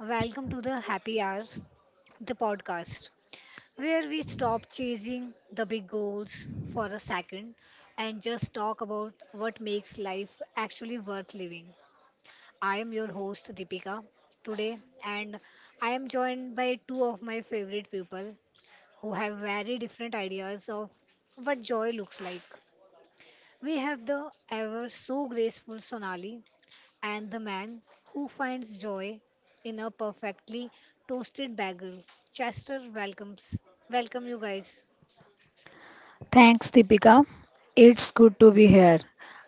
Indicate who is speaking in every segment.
Speaker 1: Welcome to the Happy Hour, the podcast, where we stop chasing the big goals for a second and just talk about what makes life actually worth living. I am your host, Deepika, today, and I am joined by two of my favorite people who have very different ideas of what joy looks like. We have the ever so graceful Sonali and the man who finds joy in a perfectly toasted bagel. Chester, welcome you guys.
Speaker 2: Thanks, Deepika. It's good to be here.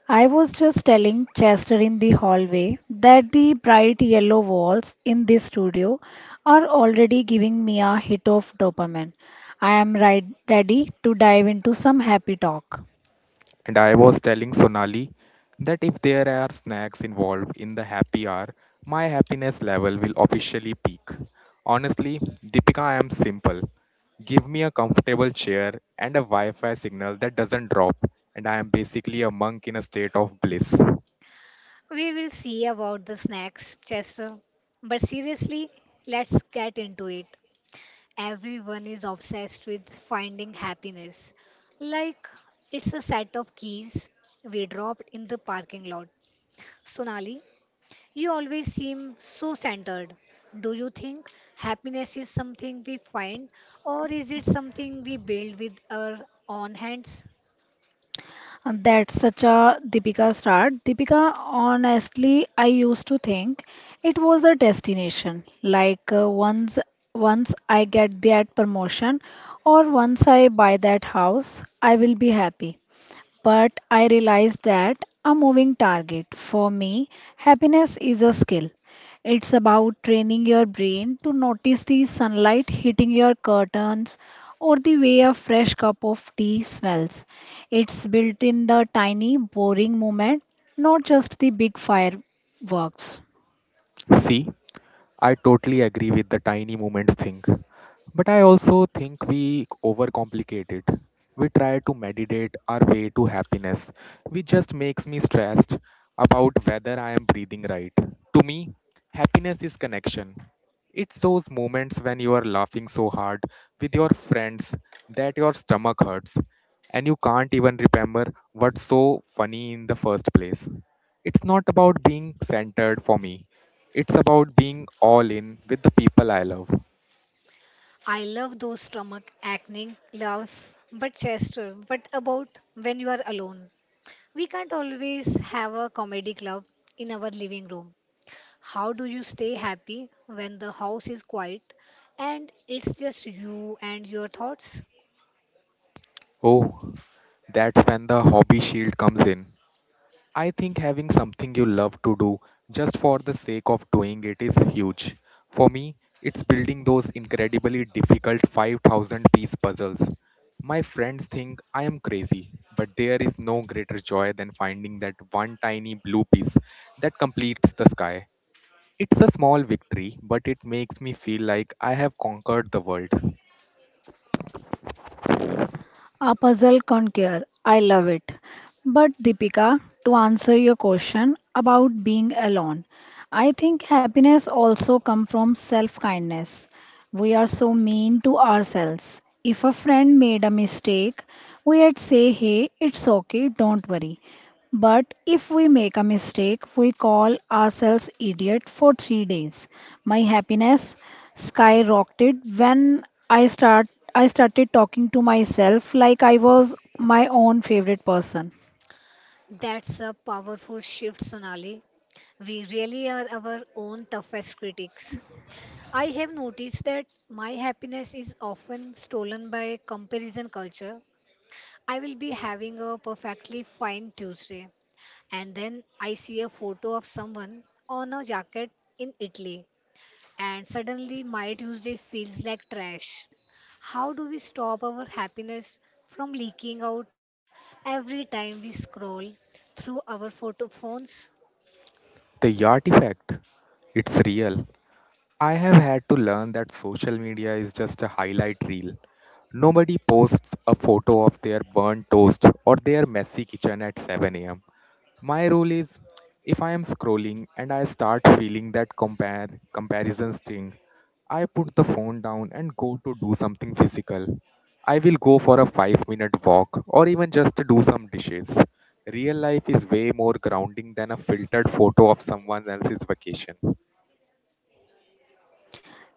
Speaker 2: I was just telling Chester in the hallway that the bright yellow walls in this studio are already giving me a hit of dopamine. I am right ready to dive into some happy talk.
Speaker 3: And I was telling Sonali that if there are snacks involved in the happy hour, my happiness level will officially peak. Honestly, Deepika, I am simple. Give me a comfortable chair and a Wi Fi signal that doesn't drop, and I am basically a monk in a state of bliss.
Speaker 1: We will see about the snacks, Chester. But seriously, let's get into it. Everyone is obsessed with finding happiness. Like it's a set of keys we dropped in the parking lot. Sonali, you always seem so centered. Do you think happiness is something we find, or is it something we build with our own hands?
Speaker 2: That's such a Deepika start. Deepika, honestly, I used to think it was a destination. Like once I get that promotion or once I buy that house, I will be happy but I realized that a moving target. For me, happiness is a skill. It's about training your brain to notice the sunlight hitting your curtains or the way a fresh cup of tea smells. It's built in the tiny, boring moment, not just the big fireworks.
Speaker 3: See, I totally agree with the tiny moments thing. But I also think we overcomplicate it. We try to meditate our way to happiness, which just makes me stressed about whether I am breathing right. To me, happiness is connection. It's those moments when you are laughing so hard with your friends that your stomach hurts and you can't even remember what's so funny in the first place. It's not about being centered for me, it's about being all in with the people I love.
Speaker 1: I love those stomach acne laugh, but Chester, what about when you are alone? We can't always have a comedy club in our living room. How do you stay happy when the house is quiet and it's just you and your thoughts?
Speaker 3: Oh, that's when the hobby shield comes in. I think having something you love to do just for the sake of doing it is huge. For me, it's building those incredibly difficult 5,000 piece puzzles. My friends think I am crazy, but there is no greater joy than finding that one tiny blue piece that completes the sky. It's a small victory, but it makes me feel like I have conquered the world.
Speaker 2: A puzzle conquer. I love it. But Deepika, to answer your question about being alone, I think happiness also comes from self-kindness. We are so mean to ourselves. If a friend made a mistake, we'd say, "Hey, it's okay, don't worry." But if we make a mistake, we call ourselves idiot for 3 days. My happiness skyrocketed when I started talking to myself like I was my own favorite person.
Speaker 1: That's a powerful shift, Sonali. We really are our own toughest critics. I have noticed that my happiness is often stolen by comparison culture. I will be having a perfectly fine Tuesday, and then I see a photo of someone on a jacket in Italy, and suddenly my Tuesday feels like trash. How do we stop our happiness from leaking out every time we scroll through our photo phones?
Speaker 3: The artifact, it's real. I have had to learn that social media is just a highlight reel. Nobody posts a photo of their burnt toast or their messy kitchen at 7 am. My rule is, if I am scrolling and I start feeling that compare comparison sting, I put the phone down and go to do something physical. I will go for a 5-minute walk or even just to do some dishes. Real life is way more grounding than a filtered photo of someone else's vacation.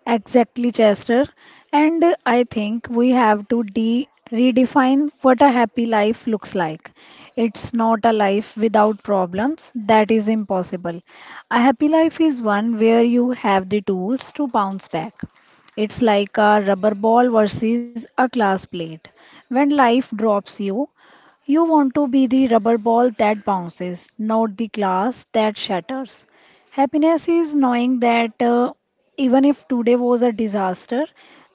Speaker 2: Exactly, Chester. And I think we have to de redefine what a happy life looks like. It's not a life without problems, that is impossible. A happy life is one where you have the tools to bounce back. It's like a rubber ball versus a glass plate. When life drops you, you want to be the rubber ball that bounces, not the glass that shatters. Happiness is knowing that, even if today was a disaster,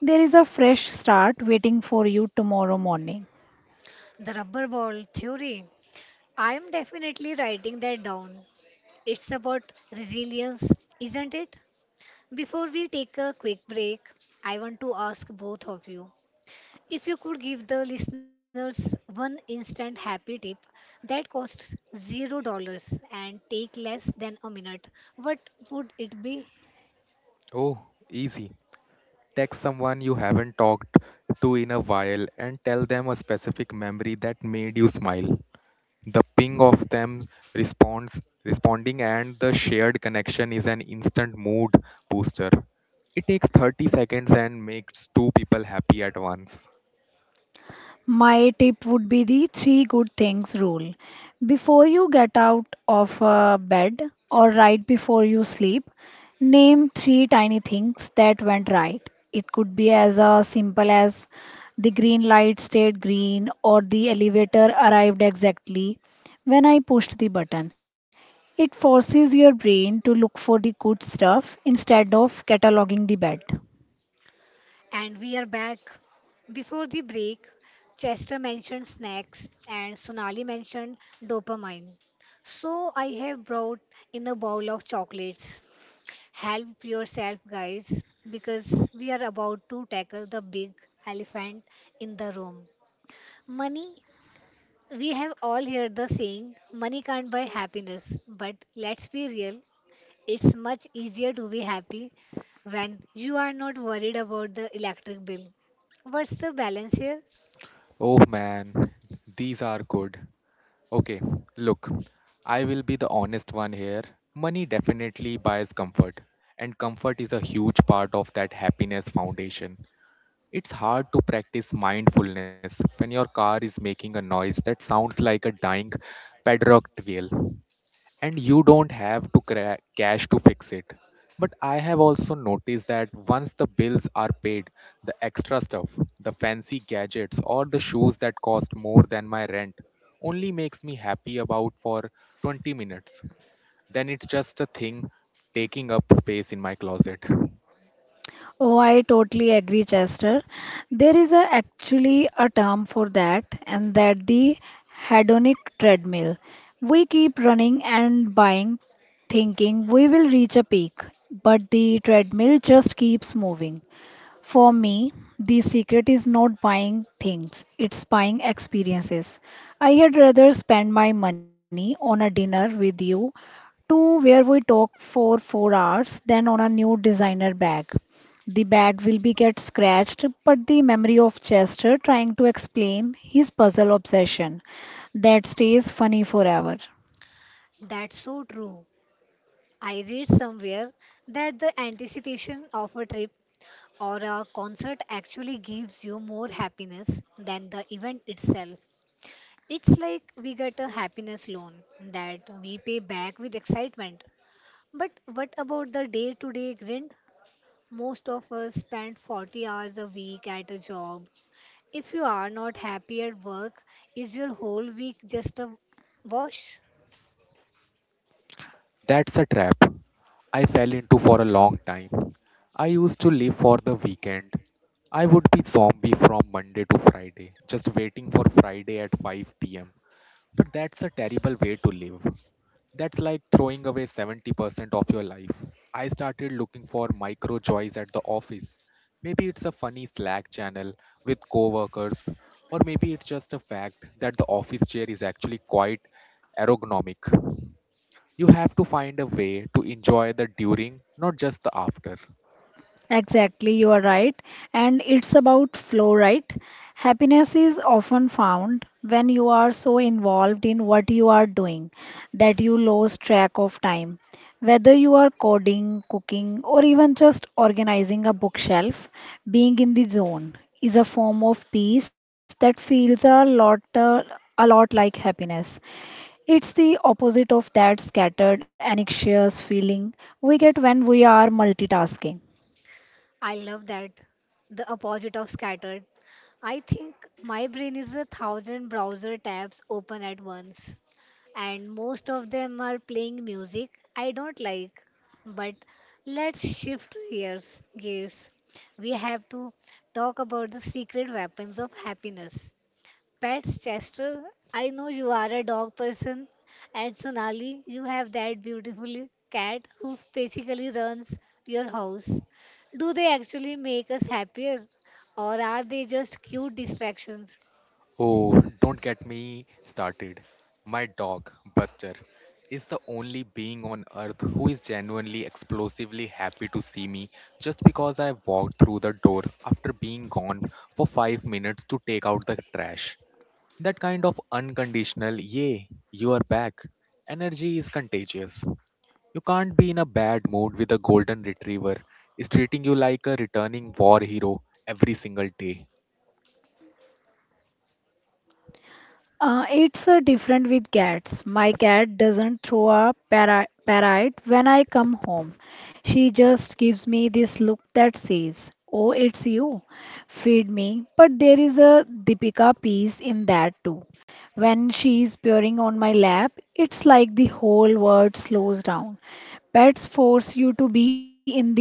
Speaker 2: there is a fresh start waiting for you tomorrow morning.
Speaker 1: The rubber ball theory. I'm definitely writing that down. It's about resilience, isn't it? Before we take a quick break, I want to ask both of you, if you could give the listeners one instant happy tip that costs $0 and take less than a minute, what would it be?
Speaker 3: Oh, easy. Text someone you haven't talked to in a while and tell them a specific memory that made you smile. The ping of them responds responding and the shared connection is an instant mood booster. It takes 30 seconds and makes two people happy at once.
Speaker 2: My tip would be the three good things rule. Before you get out of bed or right before you sleep, name three tiny things that went right. It could be as simple as the green light stayed green or the elevator arrived exactly when I pushed the button. It forces your brain to look for the good stuff instead of cataloging the bad.
Speaker 1: And we are back. Before the break, Chester mentioned snacks and Sonali mentioned dopamine. So I have brought in a bowl of chocolates. Help yourself, guys, because we are about to tackle the big elephant in the room: money. We have all heard the saying, money can't buy happiness, but let's be real, it's much easier to be happy when you are not worried about the electric bill. What's the balance here?
Speaker 3: Oh man, these are good. Okay, look, I will be the honest one here. Money definitely buys comfort, and comfort is a huge part of that happiness foundation. It's hard to practice mindfulness when your car is making a noise that sounds like a dying padlock and you don't have to cash to fix it. But I have also noticed that once the bills are paid, the extra stuff, the fancy gadgets or the shoes that cost more than my rent only makes me happy about for 20 minutes. Then it's just a thing taking up space in my closet.
Speaker 2: Oh, I totally agree, Chester. There is actually a term for that, and that the hedonic treadmill. We keep running and buying, thinking we will reach a peak, but the treadmill just keeps moving. For me, the secret is not buying things, it's buying experiences. I had rather spend my money on a dinner with you to where we talk for 4 hours then on a new designer bag the bag will be get scratched but the memory of chester trying to explain his puzzle obsession that stays funny forever.
Speaker 1: That's so true. I read somewhere that the anticipation of a trip or a concert actually gives you more happiness than the event itself. It's like we get a happiness loan that we pay back with excitement. But what about the day to day grind? Most of us spend 40 hours a week at a job. If you are not happy at work, is your whole week just a wash?
Speaker 3: That's a trap I fell into for a long time. I used to live for the weekend. I would be zombie from Monday to Friday, just waiting for Friday at 5 pm. But that's a terrible way to live. That's like throwing away 70% of your life. I started looking for micro joys at the office. Maybe it's a funny Slack channel with coworkers, or maybe it's just a fact that the office chair is actually quite ergonomic. You have to find a way to enjoy the during, not just the after.
Speaker 2: Exactly, you are right. And it's about flow, right? Happiness is often found when you are so involved in what you are doing that you lose track of time. Whether you are coding, cooking, or even just organizing a bookshelf, being in the zone is a form of peace that feels a lot like happiness. It's the opposite of that scattered, anxious feeling we get when we are multitasking.
Speaker 1: I love that. The opposite of scattered. I think my brain is a thousand browser tabs open at once, and most of them are playing music I don't like. But let's shift gears. We have to talk about the secret weapons of happiness. Pets, Chester. I know you are a dog person, and Sonali, you have that beautiful cat who basically runs your house. Do they actually make us happier, or are they just cute distractions?
Speaker 3: Oh, don't get me started. My dog, Buster, is the only being on earth who is genuinely explosively happy to see me just because I walked through the door after being gone for 5 minutes to take out the trash. That kind of unconditional, yay, you are back, energy is contagious. You can't be in a bad mood with a golden retriever is treating you like a returning war hero every single day.
Speaker 2: It's different with cats. My cat doesn't throw a parrot when I come home. She just gives me this look that says, "Oh, it's you. Feed me." But there is a Deepika piece in that too. When she's purring on my lap, it's like the whole world slows down. Pets force you to be in the now.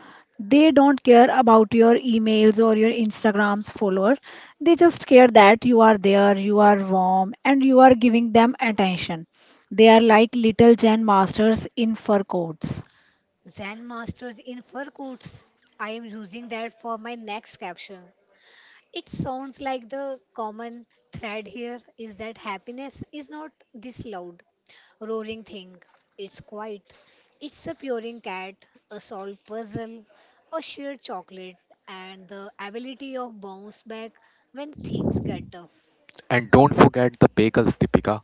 Speaker 2: They don't care about your emails or your Instagram's followers. They just care that you are there, you are warm, and you are giving them attention. They are like little Zen masters in fur coats.
Speaker 1: Zen masters in fur coats. I am using that for my next caption. It sounds like the common thread here is that happiness is not this loud, roaring thing. It's quiet. It's a purring cat, a solved puzzle, a sheer chocolate, and the ability of bounce back when things get tough.
Speaker 3: And don't forget the bagels, Deepika.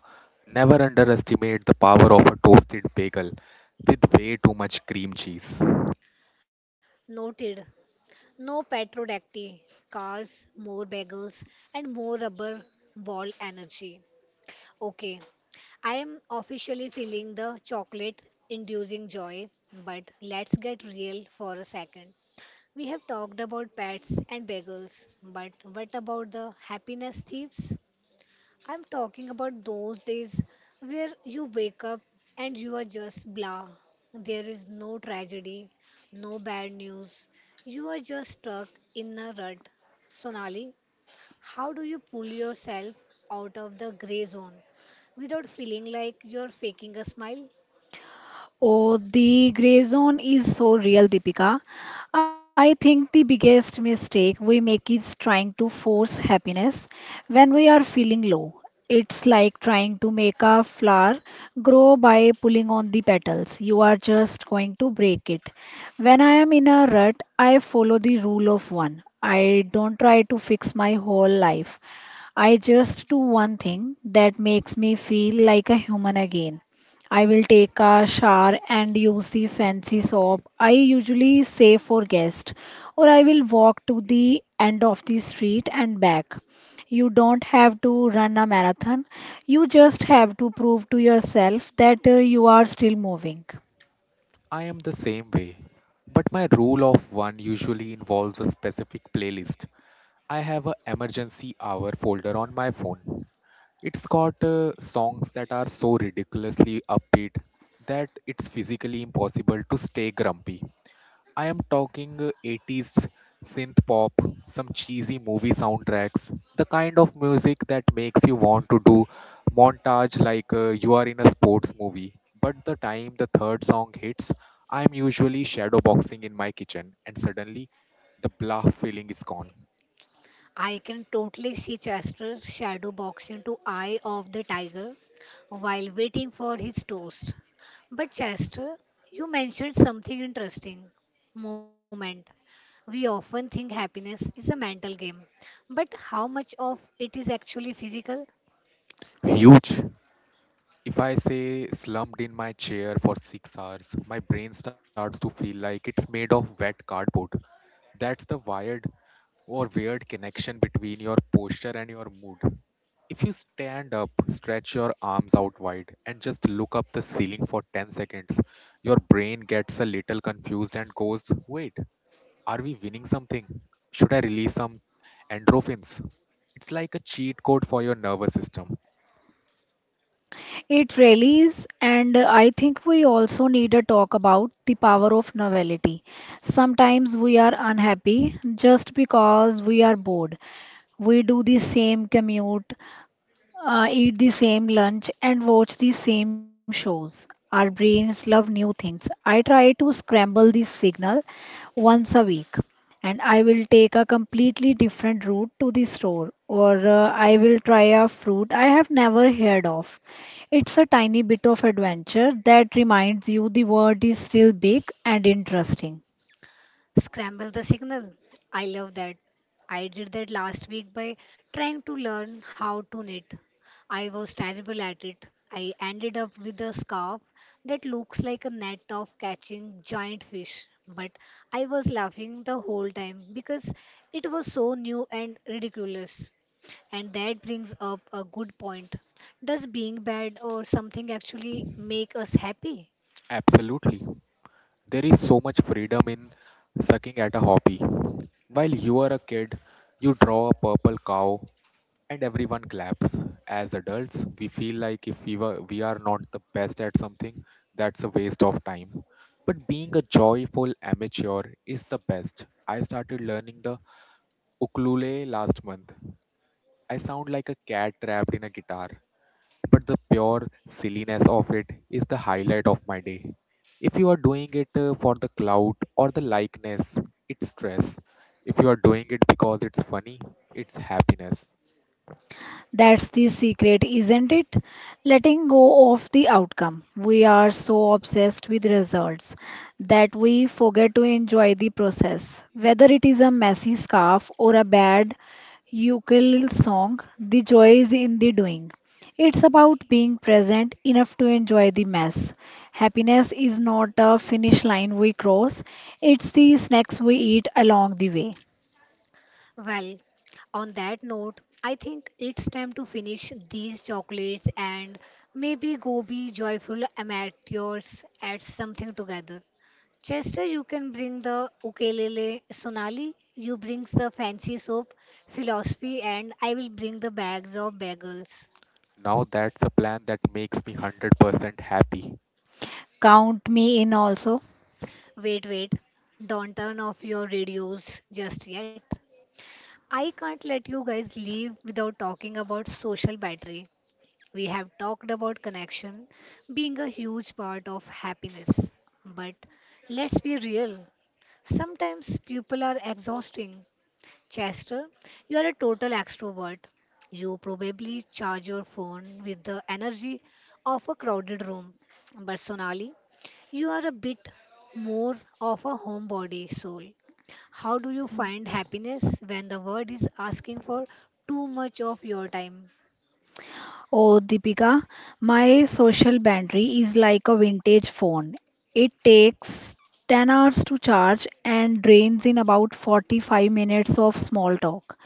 Speaker 3: Never underestimate the power of a toasted bagel with way too much cream cheese.
Speaker 1: Noted. No petrodacty, cars, more bagels, and more rubber ball energy. Okay, I am officially feeling the chocolate inducing joy, but let's get real for a second. We have talked about pets and bagels, but what about the happiness thieves? I'm talking about those days where you wake up and you are just blah. There is no tragedy, no bad news. You are just stuck in a rut. Sonali, how do you pull yourself out of the gray zone without feeling like you're faking a smile?
Speaker 2: Oh, the gray zone is so real, Deepika. I think the biggest mistake we make is trying to force happiness when we are feeling low. It's like trying to make a flower grow by pulling on the petals. You are just going to break it. When I am in a rut, I follow the rule of one. I don't try to fix my whole life. I just do one thing that makes me feel like a human again. I will take a shower and use the fancy soap I usually save for guests, or I will walk to the end of the street and back. You don't have to run a marathon, you just have to prove to yourself that you are still moving.
Speaker 3: I am the same way, but my rule of one usually involves a specific playlist. I have a emergency hour folder on my phone. It's got songs that are so ridiculously upbeat that it's physically impossible to stay grumpy. I am talking 80s synth pop, some cheesy movie soundtracks, the kind of music that makes you want to do montage like you are in a sports movie. But the time the third song hits, I am usually shadowboxing in my kitchen and suddenly the blah feeling is gone.
Speaker 1: I can totally see Chester shadow box into Eye of the Tiger while waiting for his toast. But Chester, you mentioned something interesting. Moment. We often think happiness is a mental game, but how much of it is actually physical?
Speaker 3: Huge. If I say slumped in my chair for 6 hours, my brain starts to feel like it's made of wet cardboard. That's the wired or weird between your posture and your mood. If you stand up, stretch your arms out wide, and just look up the ceiling for 10 seconds, your brain gets a little confused and goes, wait, are we winning something? Should I release some endorphins? It's like a cheat code for your nervous system.
Speaker 2: It really is, and I think we also need a talk about the power of novelty. Sometimes we are unhappy just because we are bored. We do the same commute, eat the same lunch and watch the same shows. Our brains love new things. I try to scramble the signal once a week and I will take a completely different route to the store or I will try a fruit I have never heard of. It's a tiny bit of adventure that reminds you the world is still big and interesting.
Speaker 1: Scramble the signal. I love that. I did that last week by trying to learn how to knit. I was terrible at it. I ended up with a scarf that looks like a net of catching giant fish, but I was laughing the whole time because it was so new and ridiculous. And that brings up a good point. Does being bad or something actually make us happy?
Speaker 3: Absolutely. There is so much freedom in sucking at a hobby. While you are a kid, you draw a purple cow and everyone claps. As adults, we feel like if we are not the best at something, that's a waste of time. But being a joyful amateur is the best. I started learning the ukulele last month. I sound like a cat trapped in a guitar, but the pure silliness of it is the highlight of my day. If you are doing it for the clout or the likeness, it's stress. If you are doing it because it's funny, it's happiness.
Speaker 2: That's the secret, isn't it? Letting go of the outcome. We are so obsessed with results that we forget to enjoy the process. Whether it is a messy scarf or a bad ukulele song, the joy is in the doing. It's about being present enough to enjoy the mess. Happiness is not a finish line we cross, it's the snacks we eat along the way.
Speaker 1: Well, on that note, I think it's time to finish these chocolates and maybe go be joyful amateurs at something together. Chester, you can bring the ukulele. Sonali, you brings the fancy soap, philosophy, and I will bring the bags of bagels.
Speaker 3: Now that's a plan that makes me 100% happy.
Speaker 2: Count me in also.
Speaker 1: Wait, wait, don't turn off your radios just yet. I can't let you guys leave without talking about social battery. We have talked about connection being a huge part of happiness. But let's be real, sometimes people are exhausting. Chester, you are a total extrovert. You probably charge your phone with the energy of a crowded room. But Sonali, you are a bit more of a homebody soul. How do you find happiness when the world is asking for too much of your time?
Speaker 2: Oh, Deepika, my social battery is like a vintage phone. It takes 10 hours to charge and drains in about 45 minutes of small talk.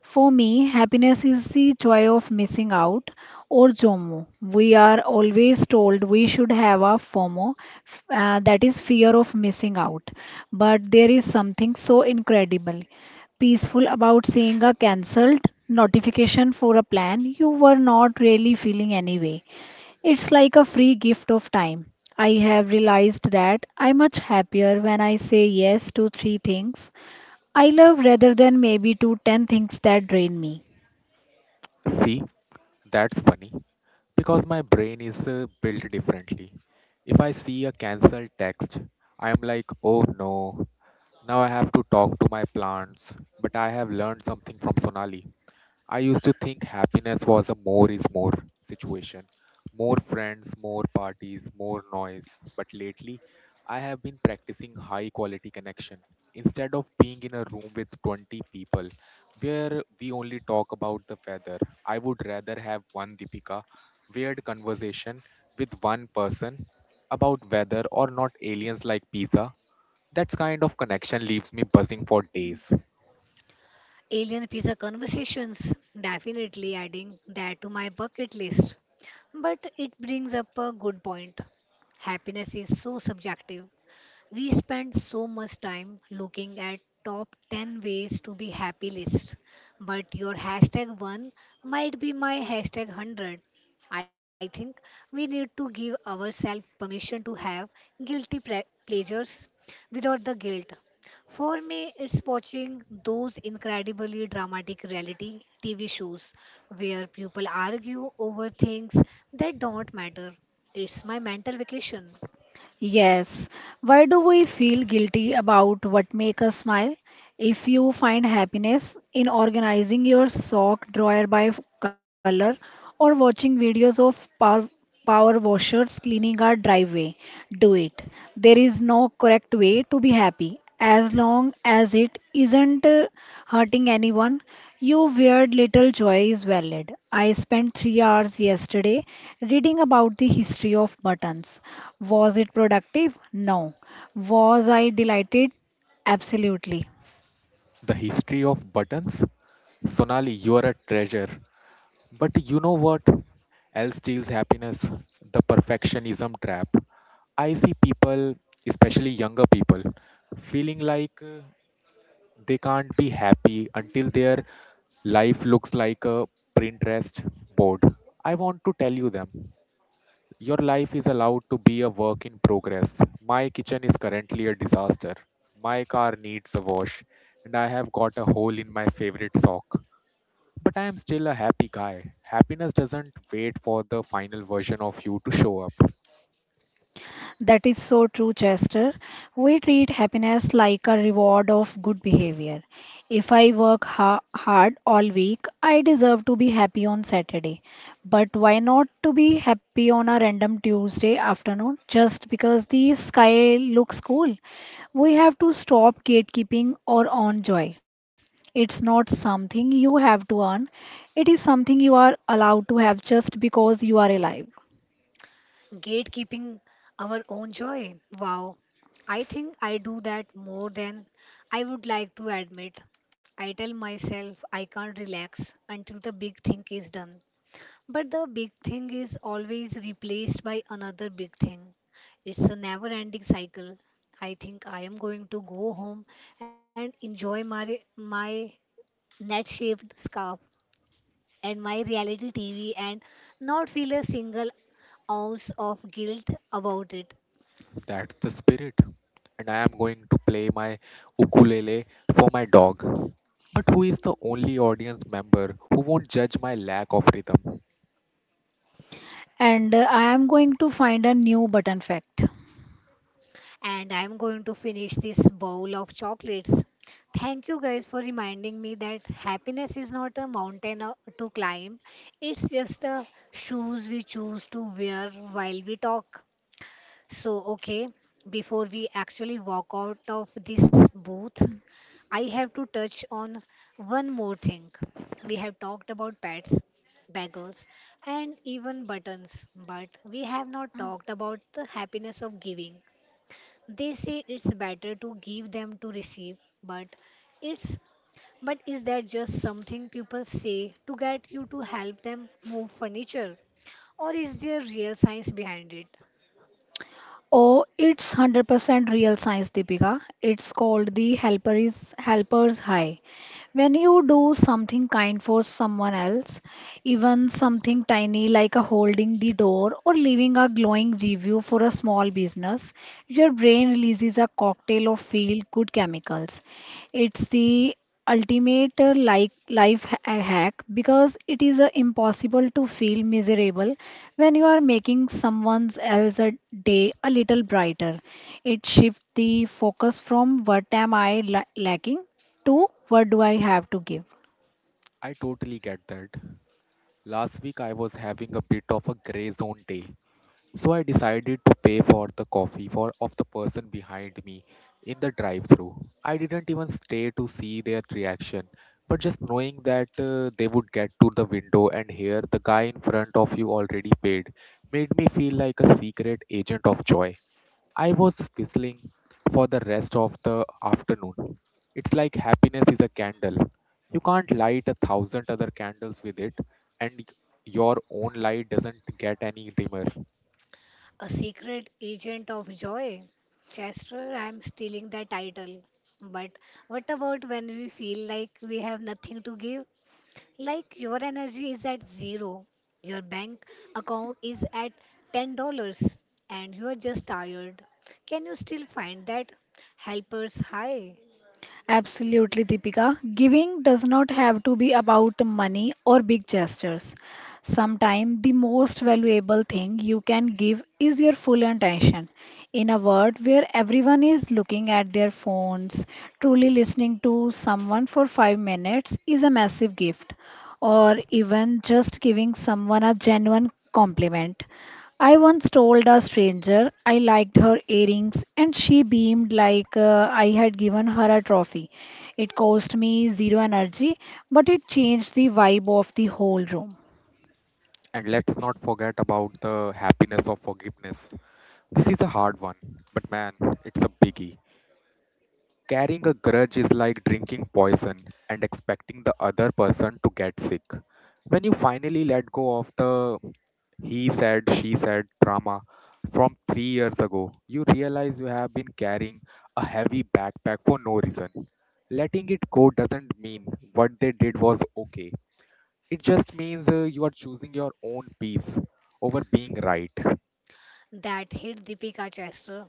Speaker 2: For me, happiness is the joy of missing out or JOMO. We are always told we should have a FOMO, that is fear of missing out. But there is something so incredible, peaceful about seeing a cancelled notification for a plan you were not really feeling anyway. It's like a free gift of time. I have realized that I'm much happier when I say yes to three things I love rather than maybe to 10 things that drain me.
Speaker 3: See, that's funny because my brain is built differently. If I see a cancelled text, I am like, oh no, now I have to talk to my plants, but I have learned something from Sonali. I used to think happiness was a more is more situation. More friends, more parties, more noise. But lately, I have been practicing high quality connection. Instead of being in a room with 20 people where we only talk about the weather, I would rather have one Deepika weird conversation with one person about weather or not aliens like pizza. That kind of connection leaves me buzzing for days.
Speaker 1: Alien pizza conversations, definitely adding that to my bucket list. But it brings up a good point. Happiness is so subjective. We spend so much time looking at top 10 ways to be happy list, but your hashtag 1 might be my hashtag 100. I think we need to give ourselves permission to have guilty pleasures without the guilt. For me, it's watching those incredibly dramatic reality TV shows where people argue over things that don't matter. It's my mental vacation.
Speaker 2: Yes. Why do we feel guilty about what make us smile? If you find happiness in organizing your sock drawer by color or watching videos of power washers cleaning our driveway, do it. There is no correct way to be happy. As long as it isn't hurting anyone, your weird little joy is valid. I spent 3 hours yesterday reading about the history of buttons. Was it productive? No. Was I delighted? Absolutely.
Speaker 3: The history of buttons. Sonali, you are a treasure. But you know what else steals happiness? The perfectionism trap. I see people, especially younger people, feeling like they can't be happy until their life looks like a Pinterest board. I want to tell you them your life is allowed to be a work in progress. My kitchen is currently a disaster. My car needs a wash, and I have got a hole in my favorite sock. But I am still a happy guy. Happiness doesn't wait for the final version of you to show up.
Speaker 2: That is so true, Chester. We treat happiness like a reward of good behavior. If I work ha hard all week, I deserve to be happy on Saturday. But why not to be happy on a random Tuesday afternoon just because the sky looks cool? We have to stop gatekeeping or own joy. It's not something you have to earn. It is something you are allowed to have just because you are alive.
Speaker 1: Gatekeeping our own joy. Wow. I think I do that more than I would like to admit. I tell myself I can't relax until the big thing is done. But the big thing is always replaced by another big thing. It's a never ending cycle. I think I am going to go home and enjoy my net shaped scarf and my reality TV, and not feel a single ounce of guilt about it.
Speaker 3: That's the spirit. And I am going to play my ukulele for my dog. But who is the only audience member who won't judge my lack of rhythm?
Speaker 2: And I am going to find a new button fact.
Speaker 1: And I'm going to finish this bowl of chocolates. Thank you guys for reminding me that happiness is not a mountain to climb, it's just the shoes we choose to wear while we talk. So, okay, before we actually walk out of this booth, I have to touch on one more thing. We have talked about pads, bagels, and even buttons, but we have not talked about the happiness of giving. They say it's better to give than to receive, but it's but is that just something people say to get you to help them move furniture? Or is there real science behind it?
Speaker 2: Oh, it's 100% real science, Deepika. It's called the helper's high. When you do something kind for someone else, even something tiny like a holding the door or leaving a glowing review for a small business, your brain releases a cocktail of feel good chemicals. It's the ultimate like life hack because it is impossible to feel miserable when you are making someone else's day a little brighter. It shifts the focus from what am I lacking to what do I have to give.
Speaker 3: I totally get that. Last week I was having a bit of a gray zone day. So I decided to pay for the coffee for of the person behind me in the drive-through. I didn't even stay to see their reaction, but just knowing that they would get to the window and hear the guy in front of you already paid made me feel like a secret agent of joy. I was whistling for the rest of the afternoon. It's like happiness is a candle. You can't light a thousand other candles with it, and your own light doesn't get any dimmer.
Speaker 1: A secret agent of joy. Chester, I'm stealing the title. But what about when we feel like we have nothing to give? Like your energy is at zero, your bank account is at $10, and you are just tired. Can you still find that helper's high?
Speaker 2: Absolutely, Deepika. Giving does not have to be about money or big gestures. Sometimes the most valuable thing you can give is your full attention. In a world where everyone is looking at their phones, truly listening to someone for 5 minutes is a massive gift, or even just giving someone a genuine compliment. I once told a stranger I liked her earrings, and she beamed like I had given her a trophy. It cost me zero energy, but it changed the vibe of the whole room.
Speaker 3: And let's not forget about the happiness of forgiveness. This is a hard one, but man, it's a biggie. Carrying a grudge is like drinking poison and expecting the other person to get sick. When you finally let go of the he said, she said drama from 3 years ago, you realize you have been carrying a heavy backpack for no reason. Letting it go doesn't mean what they did was okay. It just means you are choosing your own peace over being right,
Speaker 1: That hit Deepika Chester,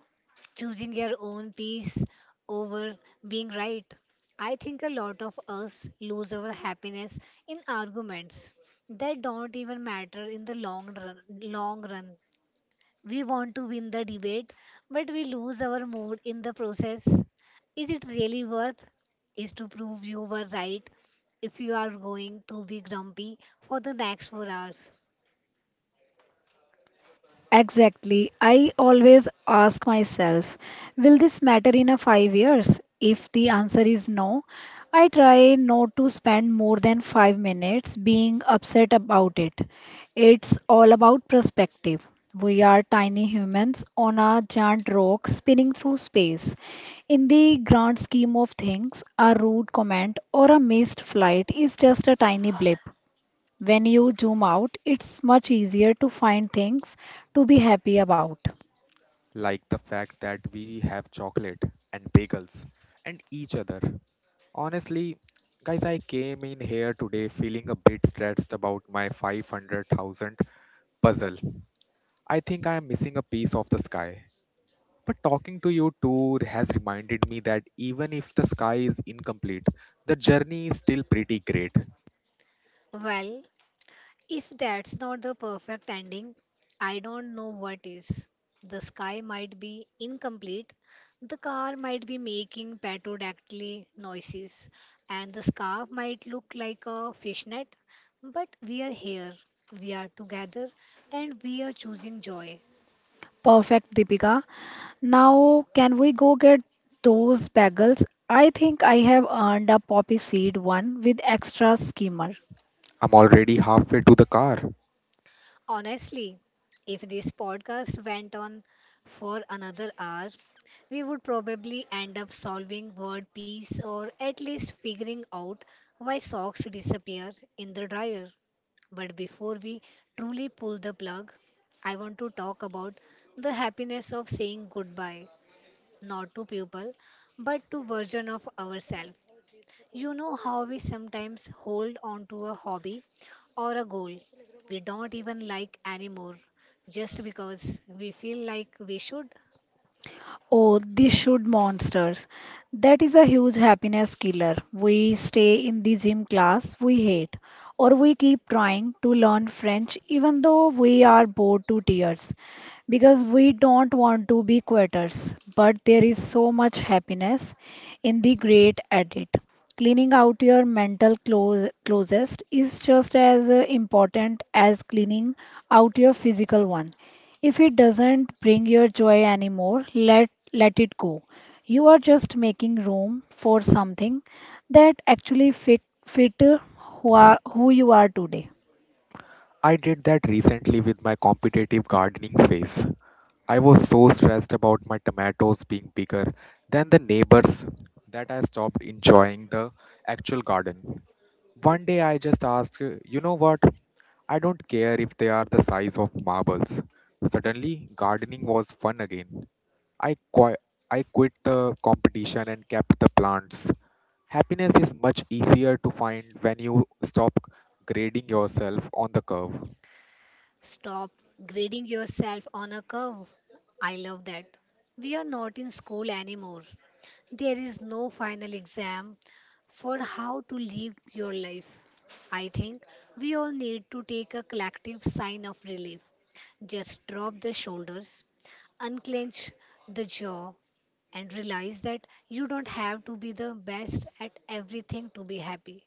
Speaker 1: choosing your own peace over being right. I think a lot of us lose our happiness in arguments that don't even matter in the long run. We want to win the debate, but we lose our mood in the process. Is it really worth is to prove you were right if you are going to be grumpy for the next 4 hours?
Speaker 2: Exactly. I always ask myself, will this matter in a 5 years? If the answer is no, I try not to spend more than 5 minutes being upset about it. It's all about perspective. We are tiny humans on a giant rock spinning through space. In the grand scheme of things, a rude comment or a missed flight is just a tiny blip. When you zoom out, it's much easier to find things to be happy about.
Speaker 3: like the fact that we have chocolate and bagels and each other. Honestly, guys, I came in here today feeling a bit stressed about my 500,000 puzzle. I think I am missing a piece of the sky. But talking to you two has reminded me that even if the sky is incomplete, the journey is still pretty great.
Speaker 1: Well, if that's not the perfect ending, I don't know what is. The sky might be incomplete, the car might be making pterodactyl noises, and the scarf might look like a fishnet. But we are here, we are together, and we are choosing joy.
Speaker 2: Perfect, Deepika. Now, can we go get those bagels? I think I have earned a poppy seed one with extra skimmer.
Speaker 3: I'm already halfway to the car.
Speaker 1: Honestly, if this podcast went on for another hour, we would probably end up solving word piece, or at least figuring out why socks disappear in the dryer. But before we truly pull the plug, I want to talk about the happiness of saying goodbye, not to people, but to version of ourselves. You know how we sometimes hold on to a hobby or a goal we don't even like anymore just because we feel like we should?
Speaker 2: Oh, they should monsters. That is a huge happiness killer. We stay in the gym class we hate, or we keep trying to learn French even though we are bored to tears because we don't want to be quitters. But there is so much happiness in the great at it. Cleaning out your mental closest is just as important as cleaning out your physical one. If it doesn't bring your joy anymore, let it go. You are just making room for something that actually fit who you are today.
Speaker 3: I did that recently with my competitive gardening phase. I was so stressed about my tomatoes being bigger than the neighbors that I stopped enjoying the actual garden. One day I just asked, you know what? I don't care if they are the size of marbles. Suddenly, gardening was fun again. I, qui- I quit the competition and kept the plants. Happiness is much easier to find when you stop grading yourself on the curve.
Speaker 1: Stop grading yourself on a curve. I love that. We are not in school anymore. There is no final exam for how to live your life. I think we all need to take a collective sign of relief. Just drop the shoulders, unclench the jaw, and realize that you don't have to be the best at everything to be happy.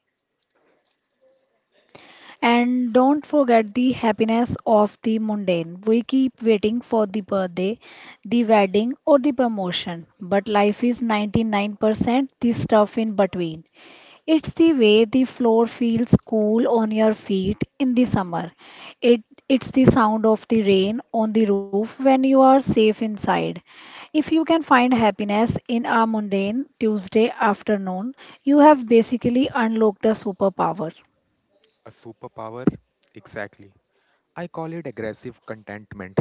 Speaker 2: And don't forget the happiness of the mundane. We keep waiting for the birthday, the wedding, or the promotion, but life is 99% the stuff in between. It's the way the floor feels cool on your feet in the summer. It's the sound of the rain on the roof when you are safe inside. If you can find happiness in a mundane Tuesday afternoon, you have basically unlocked a superpower.
Speaker 3: A superpower? Exactly. I call it aggressive contentment.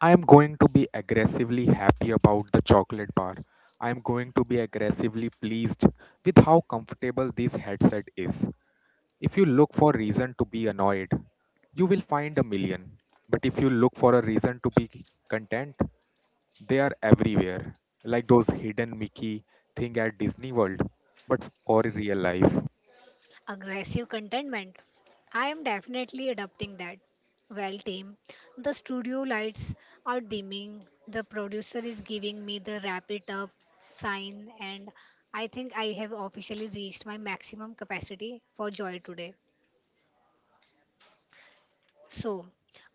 Speaker 3: I am going to be aggressively happy about the chocolate bar. I am going to be aggressively pleased with how comfortable this headset is. If you look for reason to be annoyed, you will find a million. But if you look for a reason to be content, they are everywhere. Like those hidden Mickey thing at Disney World, but or real life.
Speaker 1: Aggressive contentment. I am definitely adopting that. Well, team, the studio lights are dimming. The producer is giving me the wrap it up sign, and I think I have officially reached my maximum capacity for joy today. So,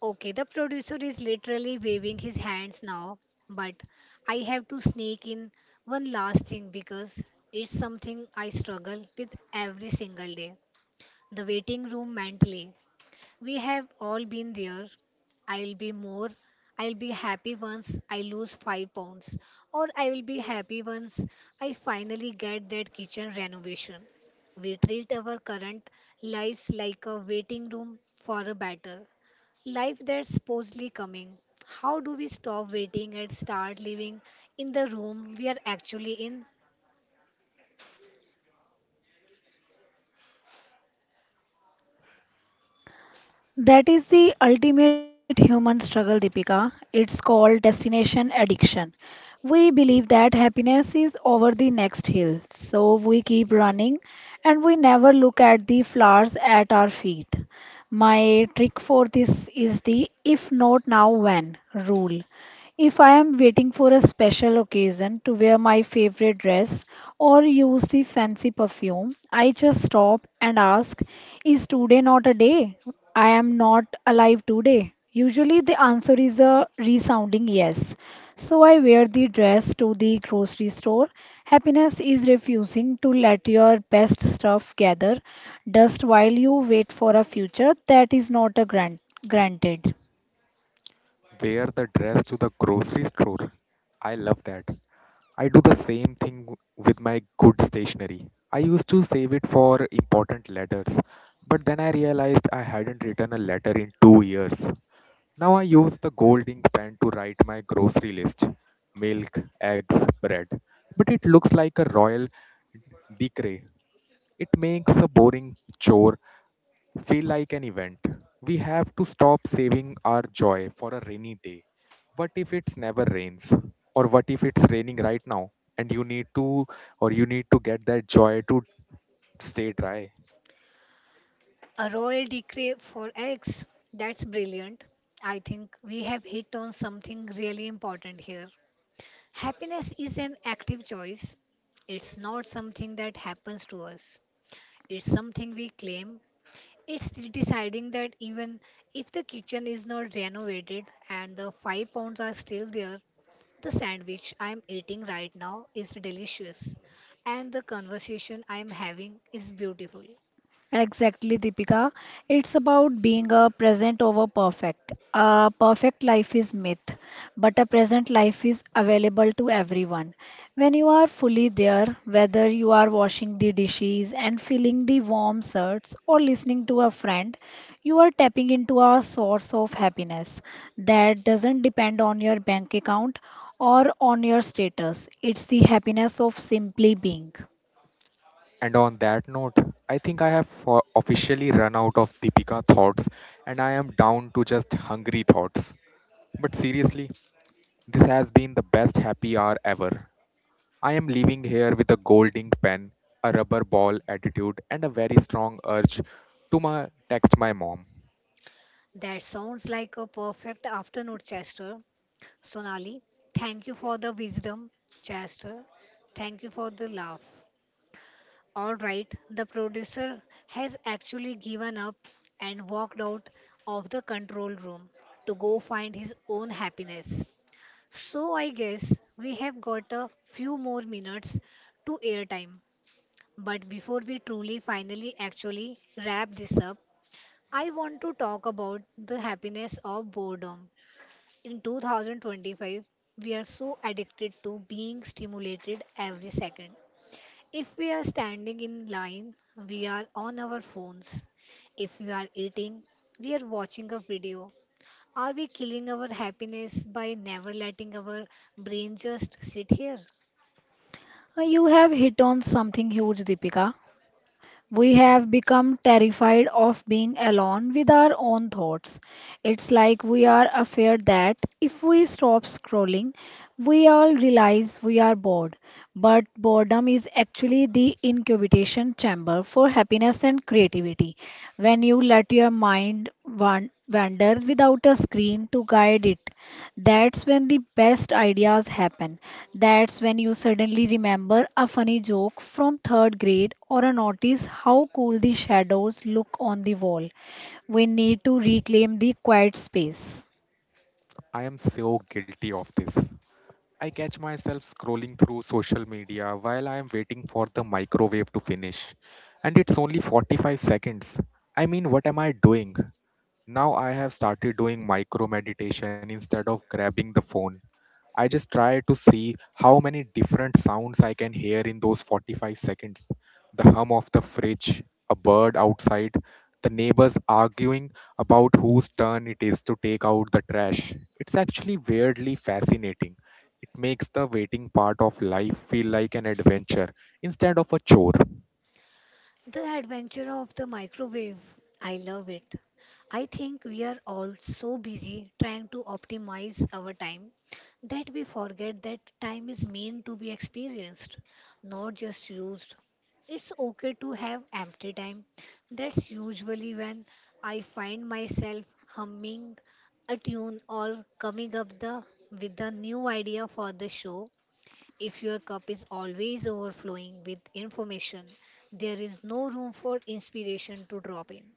Speaker 1: okay, the producer is literally waving his hands now, but I have to sneak in one last thing because it's something I struggle with every single day, the waiting room mentally. We have all been there. I'll be more. I'll be happy once I lose 5 pounds. Or I will be happy once I finally get that kitchen renovation. We treat our current lives like a waiting room for a better life that's supposedly coming. How do we stop waiting and start living in the room we are actually in?
Speaker 2: That is the ultimate human struggle, Deepika. It's called destination addiction. We believe that happiness is over the next hill, so we keep running and we never look at the flowers at our feet. My trick for this is the if not now, when rule. If I am waiting for a special occasion to wear my favorite dress or use the fancy perfume, I just stop and ask, is today not a day? I am not alive today? Usually the answer is a resounding yes. So I wear the dress to the grocery store. Happiness is refusing to let your best stuff gather dust while you wait for a future that is not a granted.
Speaker 3: Wear the dress to the grocery store. I love that. I do the same thing with my good stationery. I used to save it for important letters, but then I realized I hadn't written a letter in 2 years. Now I use the gold ink pen to write my grocery list milk, eggs, bread. But it looks like a royal decree. It makes a boring chore feel like an event. We have to stop saving our joy for a rainy day. What if it's never rains? Or what if it's raining right now and you need to or you need to get that joy to stay dry?
Speaker 1: A royal decree for X. That's brilliant. I think we have hit on something really important here. Happiness is an active choice. It's not something that happens to us. It's something we claim. It's deciding that even if the kitchen is not renovated and the 5 pounds are still there, the sandwich I'm eating right now is delicious and the conversation I'm having is beautiful.
Speaker 2: Exactly, Deepika. It's about being a present over perfect. A perfect life is myth, but a present life is available to everyone. When you are fully there, whether you are washing the dishes and feeling the warm shirts or listening to a friend, you are tapping into a source of happiness that doesn't depend on your bank account or on your status. It's the happiness of simply being.
Speaker 3: And on that note, I think I have officially run out of Deepika thoughts and I am down to just hungry thoughts. But seriously, this has been the best happy hour ever. I am leaving here with a golding pen, a rubber ball attitude, and a very strong urge to text my mom.
Speaker 1: That sounds like a perfect afternoon, Chester. Sonali, thank you for the wisdom. Chester, thank you for the laugh. All right, the producer has actually given up and walked out of the control room to go find his own happiness. So I guess we have got a few more minutes to airtime. But before we truly, finally, actually wrap this up, I want to talk about the happiness of boredom. In 2025, we are so addicted to being stimulated every second. If we are standing in line, we are on our phones. If we are eating, we are watching a video. Are we killing our happiness by never letting our brain just sit here?
Speaker 2: You have hit on something huge, Deepika. We have become terrified of being alone with our own thoughts. It's like we are afraid that if we stop scrolling, we all realize we are bored. But boredom is actually the incubation chamber for happiness and creativity. When you let your wander without a screen to guide it, that's when the best ideas happen. That's when you suddenly remember a funny joke from third grade or a notice how cool the shadows look on the wall. We need to reclaim the quiet space.
Speaker 3: I am so guilty of this. I catch myself scrolling through social media while I am waiting for the microwave to finish. And it's only 45 seconds. I mean, what am I doing? Now I have started doing micro meditation instead of grabbing the phone. I just try to see how many different sounds I can hear in those 45 seconds. The hum of the fridge, a bird outside, the neighbors arguing about whose turn it is to take out the trash. It's actually weirdly fascinating. It makes the waiting part of life feel like an adventure instead of a chore.
Speaker 1: The adventure of the microwave. I love it. I think we are all so busy trying to optimize our time that we forget that time is meant to be experienced, not just used. It's okay to have empty time. That's usually when I find myself humming a tune or with a new idea for the show. If your cup is always overflowing with information, there is no room for inspiration to drop in.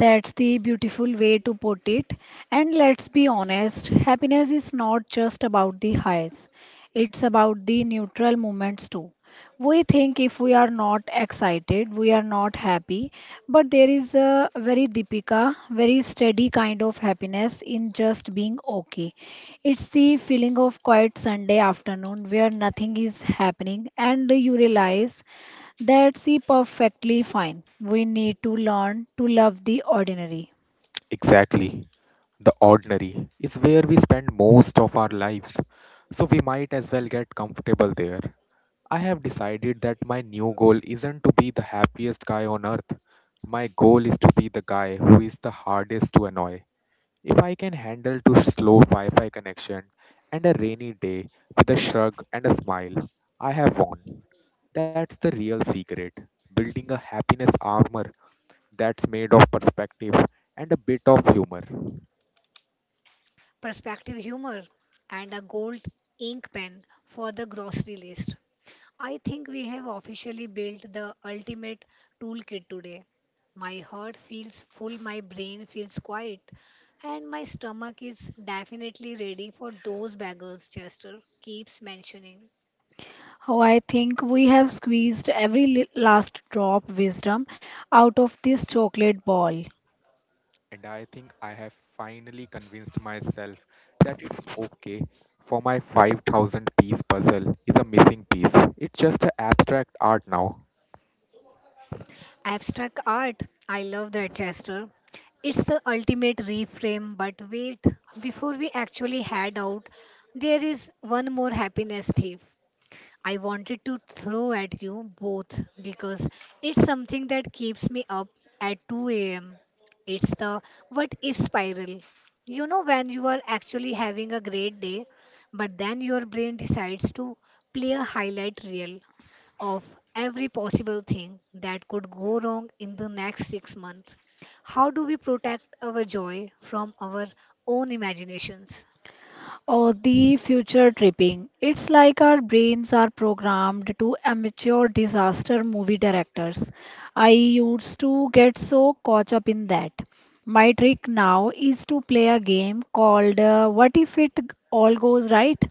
Speaker 2: That's the beautiful way to put it. And let's be honest, happiness is not just about the highs, it's about the neutral moments too. We think if we are not excited, we are not happy, but there is a very Deepika, very steady kind of happiness in just being okay. It's the feeling of quiet Sunday afternoon where nothing is happening and you realize that's the perfectly fine. We need to learn to love the ordinary.
Speaker 3: Exactly. The ordinary is where we spend most of our lives. So we might as well get comfortable there. I have decided that my new goal isn't to be the happiest guy on earth. My goal is to be the guy who is the hardest to annoy. If I can handle too slow Wi Fi connection and a rainy day with a shrug and a smile, I have won. That's the real secret building a happiness armor that's made of perspective and a bit of humor.
Speaker 1: Perspective, humor, and a gold ink pen for the grocery list. I think we have officially built the ultimate toolkit today. My heart feels full, my brain feels quiet, and my stomach is definitely ready for those bagels Chester keeps mentioning.
Speaker 2: Oh, I think we have last drop wisdom out of this chocolate ball.
Speaker 3: And I think I have finally convinced myself that it's okay for my 5,000 piece puzzle is a missing piece. It's just a abstract art now.
Speaker 1: Abstract art, I love that, Chester. It's the ultimate reframe, but wait, before we actually head out, there is one more happiness thief I wanted to throw at you both because it's something that keeps me up at 2 a.m. It's the what if spiral. You know, when you are actually having a great day, but then your brain decides to play a highlight reel of every possible thing that could go wrong in the next 6 months. How do we protect our joy from our own imaginations?
Speaker 2: Or the future tripping. It's like our brains are programmed to amateur disaster movie directors. I used to get so caught up in that. My trick now is to play a game called What If It All Goes Right?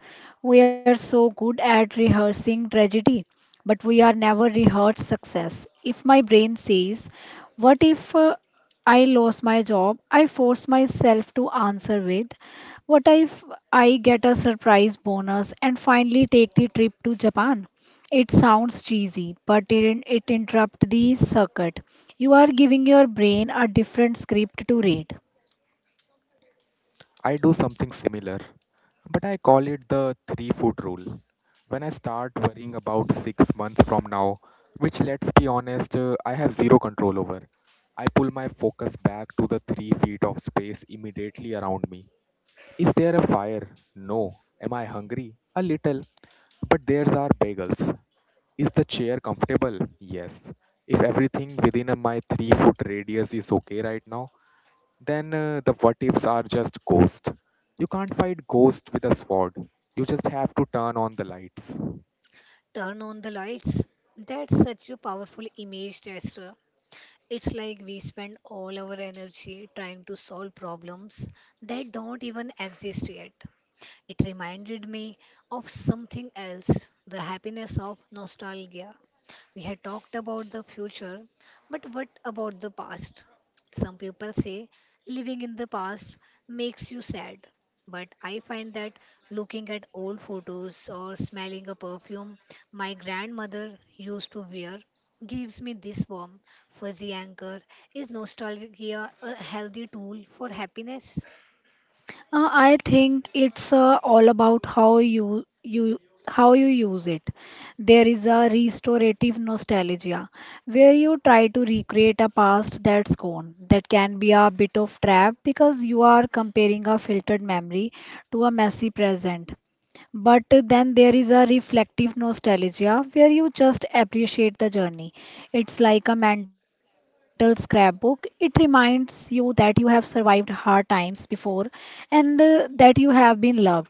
Speaker 2: We are so good at rehearsing tragedy, but we are never rehearsed success. If my brain says, what if I lost my job? I force myself to answer with, what if I get a surprise bonus and finally take the trip to Japan? It sounds cheesy, but it interrupts the circuit. You are giving your brain a different script to read.
Speaker 3: I do something similar, but I call it the 3-foot rule. When I start worrying about 6 months from now, which let's be honest, I have zero control over, I pull my focus back to the 3 feet of space immediately around me. Is there a fire? No. Am I hungry? A little. But there's our bagels. Is the chair comfortable? Yes. If everything within my 3 foot radius is okay right now, then the what ifs are just ghosts. You can't fight ghosts with a sword. You just have to turn on the lights.
Speaker 1: Turn on the lights. That's such a powerful image, tester. It's like we spend all our energy trying to solve problems that don't even exist yet. It reminded me of something else, the happiness of nostalgia. We had talked about the future, but what about the past? Some people say living in the past makes you sad, but I find that looking at old photos or smelling a perfume my grandmother used to wear gives me this warm, fuzzy anchor. Is nostalgia a healthy tool for happiness?
Speaker 2: I think it's all about how you how you use it. There is a restorative nostalgia where you try to recreate a past that's gone. That can be a bit of trap because you are comparing a filtered memory to a messy present. But then there is a reflective nostalgia where you just appreciate the journey. It's like a mental scrapbook. It reminds you that you have survived hard times before and that you have been loved.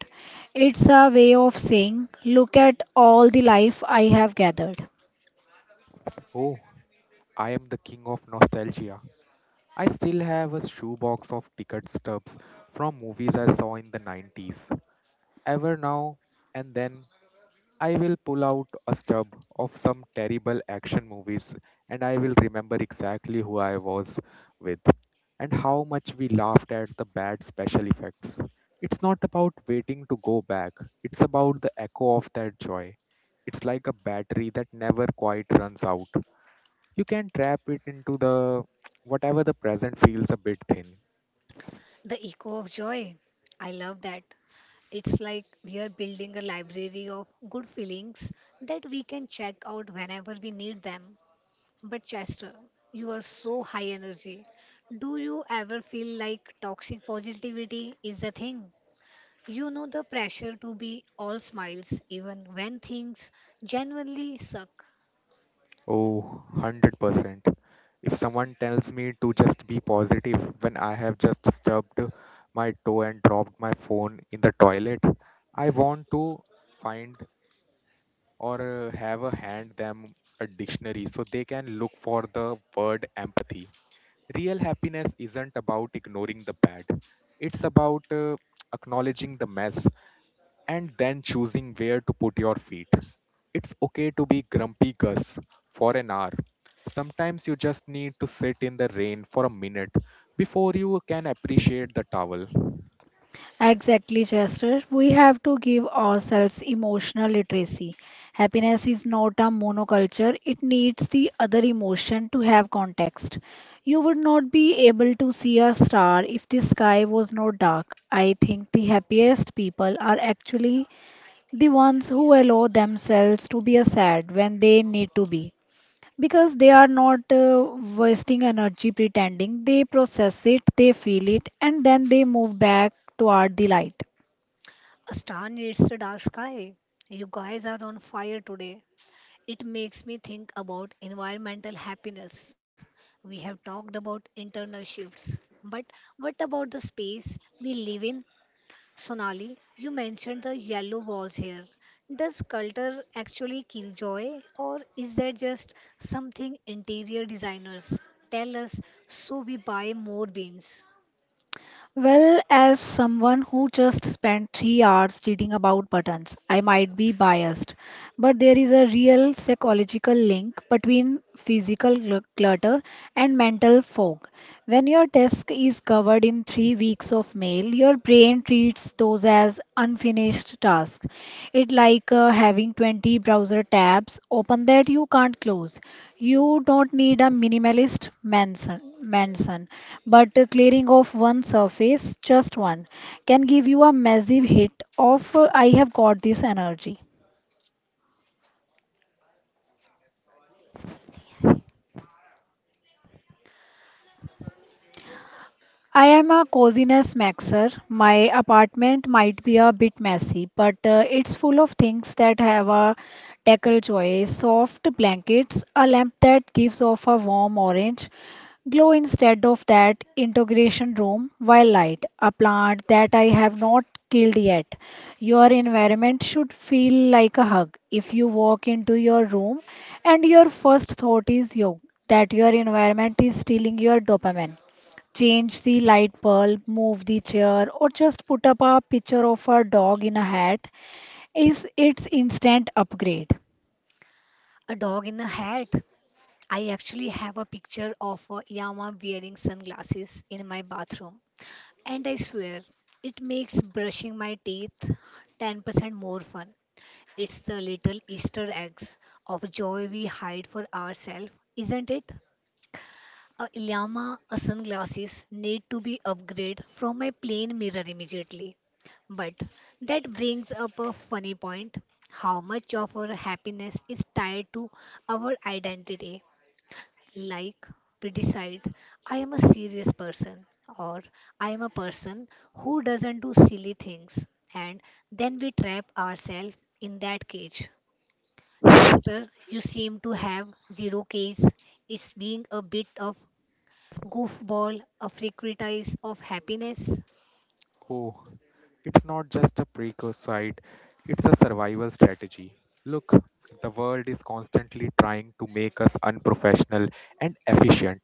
Speaker 2: It's a way of saying, look at all the life I have gathered.
Speaker 3: Oh, I am the king of nostalgia. I still have a shoebox of ticket stubs from movies I saw in the 90s. Ever now and then I will pull out a stub of some terrible action movies and I will remember exactly who I was with and how much we laughed at the bad special effects. It's not about waiting to go back, it's about the echo of that joy. It's like a battery that never quite runs out. You can trap it into the whatever the present feels a bit thin.
Speaker 1: The echo of joy. I love that. It's like we are building a library of good feelings that we can check out whenever we need them. But Chester, you are so high energy. Do you ever feel like toxic positivity is the thing? You know the pressure to be all smiles even when things genuinely suck.
Speaker 3: Oh, 100%. If someone tells me to just be positive when I have just stubbed my toe and dropped my phone in the toilet, I want to find or have a hand them a dictionary so they can look for the word empathy. Real happiness isn't about ignoring the bad. It's about acknowledging the mess and then choosing where to put your feet. It's okay to be grumpy Gus for an hour. Sometimes you just need to sit in the rain for a minute before you can appreciate the towel.
Speaker 2: Exactly, Chester. We have to give ourselves emotional literacy. Happiness is not a monoculture, it needs the other emotion to have context. You would not be able to see a star if the sky was not dark. I think the happiest people are actually the ones who allow themselves to be a sad when they need to be. Because they are not wasting energy pretending, they process it, they feel it, and then they move back toward the light.
Speaker 1: A star needs the dark sky. You guys are on fire today. It makes me think about environmental happiness. We have talked about internal shifts, but what about the space we live in? Sonali, you mentioned the yellow walls here. Does culture actually kill joy, or is there just something interior designers tell us so we buy more beans?
Speaker 2: Well, as someone who just spent 3 hours reading about buttons, I might be biased, but there is a real psychological link between clutter and mental fog. When your desk is covered in 3 weeks of mail, your brain treats those as unfinished tasks it like having 20 browser tabs open that you can't close. You don't need a minimalist mansion, but clearing off one surface, just one, can give you a massive hit of I have got this energy. I am a coziness maxer. My apartment might be a bit messy, but it's full of things that have a tackle joy, soft blankets, a lamp that gives off a warm orange glow instead of that integration room while light, a plant that I have not killed yet. Your environment should feel like a hug. If you walk into your room and your first thought is you, that your environment is stealing your dopamine change the light bulb, move the chair, or just put up a picture of a dog in a hat, is its instant upgrade.
Speaker 1: A dog in a hat. I actually have a picture of a llama wearing sunglasses in my bathroom. And I swear, it makes brushing my teeth 10% more fun. It's the little Easter eggs of joy we hide for ourselves, isn't it? A llama a sunglasses need to be upgraded from my plain mirror immediately. But that brings up a funny point. How much of our happiness is tied to our identity? Like, we decide I am a serious person, or I am a person who doesn't do silly things, and then we trap ourselves in that cage. Chester, you seem to have zero case. Is being a bit of goofball a frequentist of happiness?
Speaker 3: Oh, it's not just a precocide, it's a survival strategy. Look, the world is constantly trying to make us unprofessional and efficient.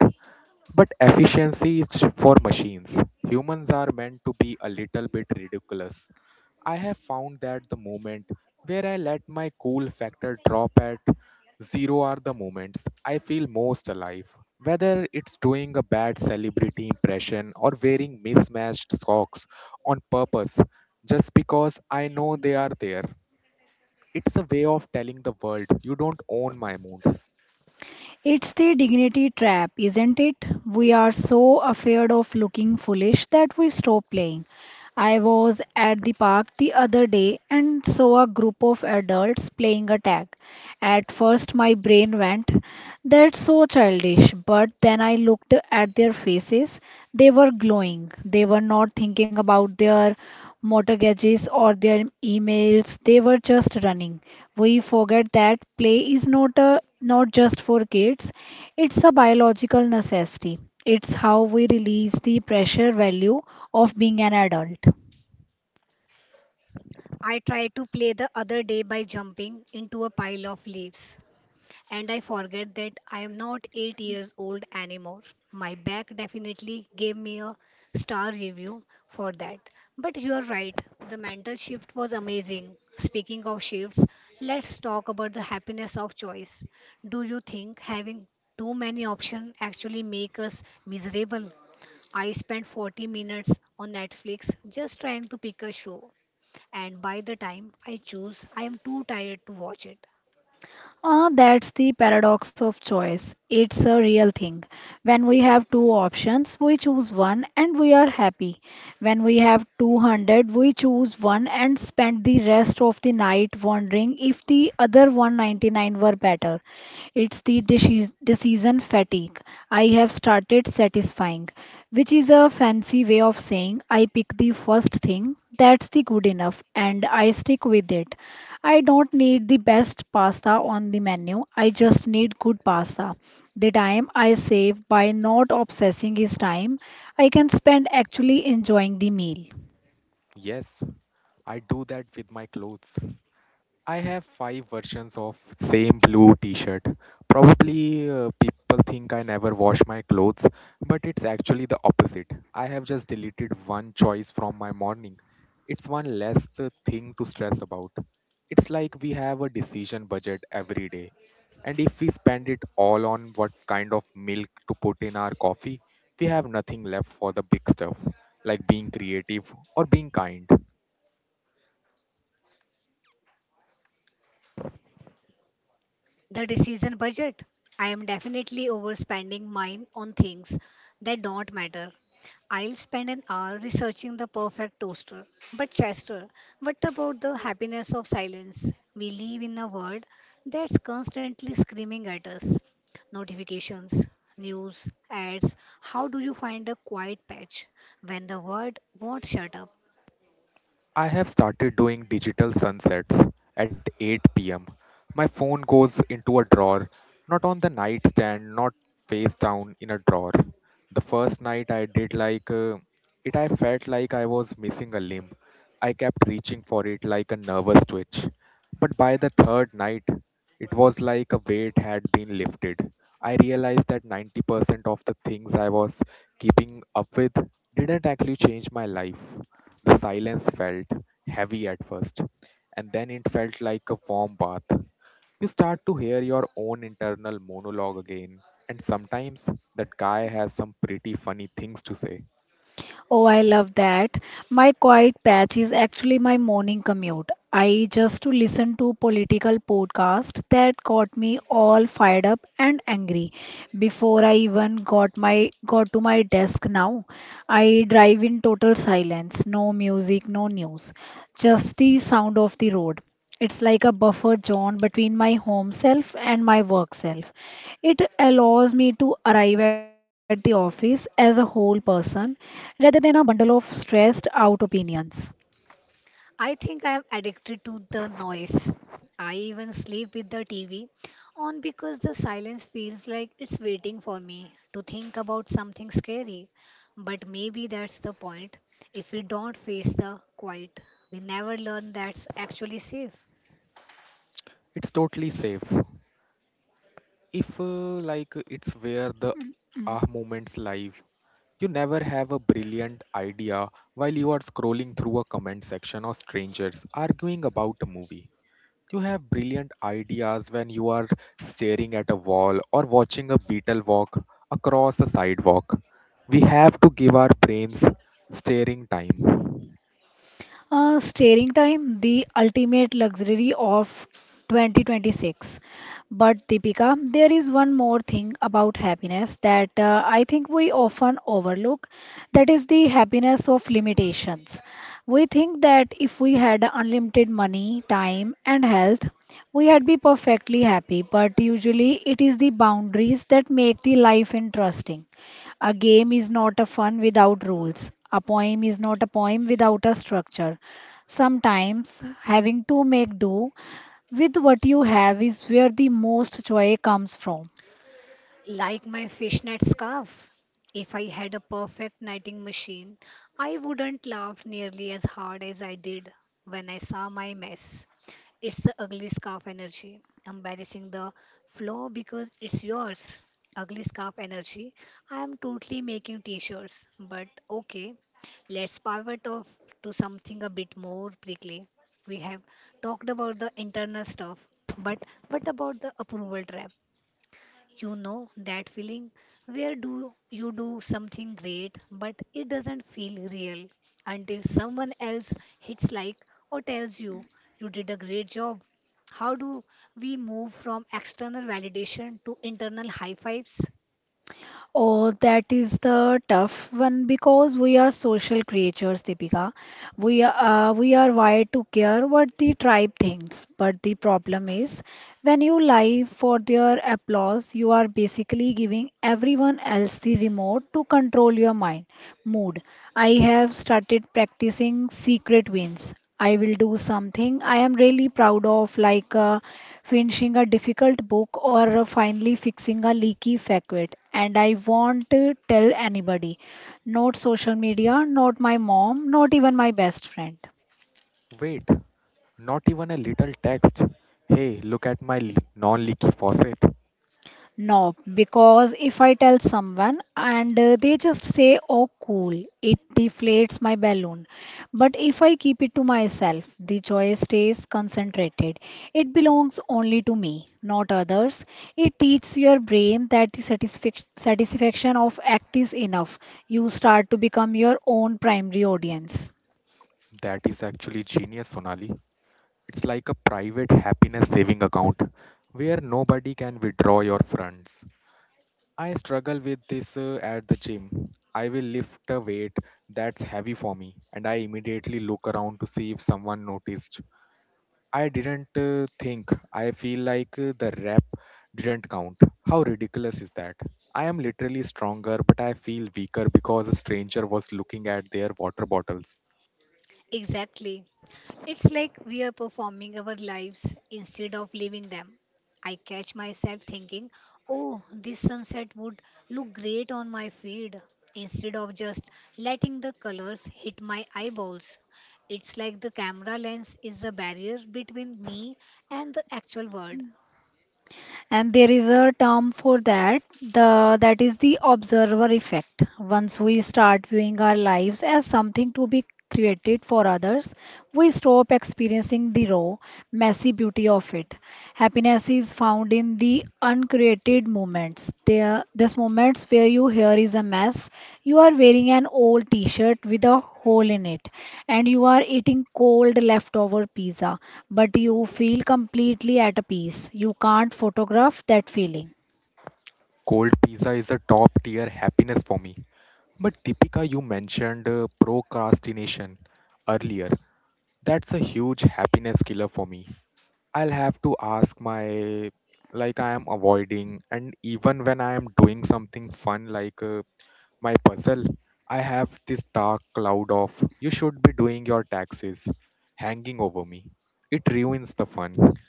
Speaker 3: But efficiency is for machines. Humans are meant to be a little bit ridiculous. I have found that the moment where I let my cool factor drop at zero are the moments I feel most alive. Whether it's doing a bad celebrity impression or wearing mismatched socks on purpose just because I know they are there, it's a way of telling the world you don't own my mood.
Speaker 2: It's the dignity trap, isn't it? We are so afraid of looking foolish that we stop playing. I was at the park the other day and saw a group of adults playing a tag. At first, my brain went, that's so childish, but then I looked at their faces. They were glowing. They were not thinking about their mortgages or their emails, they were just running. We forget that play is not just for kids. It's a biological necessity. It's how we release the pressure value of being an adult.
Speaker 1: I tried to play the other day by jumping into a pile of leaves and I forget that I am not 8 years old anymore. My back definitely gave me a star review for that. But you are right, the mental shift was amazing. Speaking of shifts, let's talk about the happiness of choice. Do you think having too many options actually make us miserable? I spent 40 minutes on Netflix just trying to pick a show, and by the time I choose, I am too tired to watch it.
Speaker 2: That's the paradox of choice. It's a real thing. When we have two options, we choose one and we are happy. When we have 200, we choose one and spend the rest of the night wondering if the other 199 were better. It's the decision fatigue. I have started satisfying, which is a fancy way of saying I pick the first thing that's the good enough and I stick with it. I don't need the best pasta on the menu. I just need good pasta. The time I save by not obsessing is time I can spend actually enjoying the meal.
Speaker 3: Yes, I do that with my clothes. I have five versions of same blue t-shirt. Probably people think I never wash my clothes, but it's actually the opposite. I have just deleted one choice from my morning. It's one less thing to stress about. It's like we have a decision budget every day, and if we spend it all on what kind of milk to put in our coffee, we have nothing left for the big stuff, like being creative or being kind.
Speaker 1: The decision budget. I am definitely overspending mine on things that don't matter. I'll spend an hour researching the perfect toaster. But, Chester, what about the happiness of silence? We live in a world that's constantly screaming at us, notifications, news, ads. How do you find a quiet patch when the world won't shut up?
Speaker 3: I have started doing digital sunsets at 8 pm. My phone goes into a drawer, not on the nightstand, not face down in a drawer. The first night I did it, I felt like I was missing a limb. I kept reaching for it like a nervous twitch. But by the third night, it was like a weight had been lifted. I realized that 90% of the things I was keeping up with didn't actually change my life. The silence felt heavy at first, and then it felt like a warm bath. You start to hear your own internal monologue again, and sometimes that guy has some pretty funny things to say.
Speaker 2: Oh, I love that. My quiet patch is actually my morning commute. I just to listen to political podcast that got me all fired up and angry before I even got to my desk now. I drive in total silence, no music, no news, just the sound of the road. It's like a buffer zone between my home self and my work self. It allows me to arrive at the office as a whole person rather than a bundle of stressed out opinions.
Speaker 1: I think I am addicted to the noise. I even sleep with the TV on because the silence feels like it's waiting for me to think about something scary. But maybe that's the point. If we don't face the quiet, we never learn that's actually safe.
Speaker 3: It's totally safe. If, like, It's where the ah moments live, you never have a brilliant idea while you are scrolling through a comment section of strangers arguing about a movie. You have brilliant ideas when you are staring at a wall or watching a beetle walk across a sidewalk. We have to give our brains staring time.
Speaker 2: Staring time, the ultimate luxury of 2026. But Deepika, there is one more thing about happiness that I think we often overlook. That is the happiness of limitations. We think that if we had unlimited money, time, and health, we had be perfectly happy. But usually, it is the boundaries that make the life interesting. A game is not a fun without rules. A poem is not a poem without a structure. Sometimes having to make do with what you have is where the most joy comes from.
Speaker 1: Like my fishnet scarf. If I had a perfect knitting machine, I wouldn't laugh nearly as hard as I did when I saw my mess. It's the ugly scarf energy, embarrassing the flaw because it's yours. Ugly scarf energy. I am totally making t-shirts, but okay, let's pivot off to something a bit more prickly. We have talked about the internal stuff, but what about the approval trap? You know that feeling where do you do something great but it doesn't feel real until someone else hits like or tells you you did a great job. How do we move from external validation to internal high fives?
Speaker 2: Oh, that is the tough one because we are social creatures, Deepika. We are wired to care what the tribe thinks, but the problem is when you lie for their applause, you are basically giving everyone else the remote to control your mood. I have started practicing secret wins. I will do something I am really proud of, like finishing a difficult book or finally fixing a leaky facet, and I won't tell anybody. Not social media, not my mom, not even my best friend.
Speaker 3: Wait, not even a little text. Hey, look at my non leaky faucet.
Speaker 2: No, because if I tell someone and they just say, oh, cool, it deflates my balloon. But if I keep it to myself, the joy stays concentrated. It belongs only to me, not others. It teaches your brain that the satisfaction of act is enough. You start to become your own primary audience.
Speaker 3: That is actually genius, Sonali. It's like a private happiness saving account where nobody can withdraw your funds. I struggle with this at the gym. I will lift a weight that's heavy for me, and I immediately look around to see if someone noticed. I didn't think. I feel like the rep didn't count. How ridiculous is that? I am literally stronger, but I feel weaker because a stranger was looking at their water bottles.
Speaker 1: Exactly. It's like we are performing our lives instead of living them. I catch myself thinking, oh, this sunset would look great on my feed, instead of just letting the colors hit my eyeballs. It's like the camera lens is the barrier between me and the actual world.
Speaker 2: And there is a term for that, the that is the observer effect. Once we start viewing our lives as something to be created for others, we stop experiencing the raw, messy beauty of it. Happiness is found in the uncreated moments. There's moments where you hair is a mess. You are wearing an old T-shirt with a hole in it, and you are eating cold leftover pizza, but you feel completely at a peace. You can't photograph that feeling.
Speaker 3: Cold pizza is a top tier happiness for me. But Deepika, you mentioned procrastination earlier. That's a huge happiness killer for me. I'll have to ask my like I am avoiding and even when I am doing something fun like my puzzle I have this dark cloud of you should be doing your taxes hanging over me. It ruins the fun.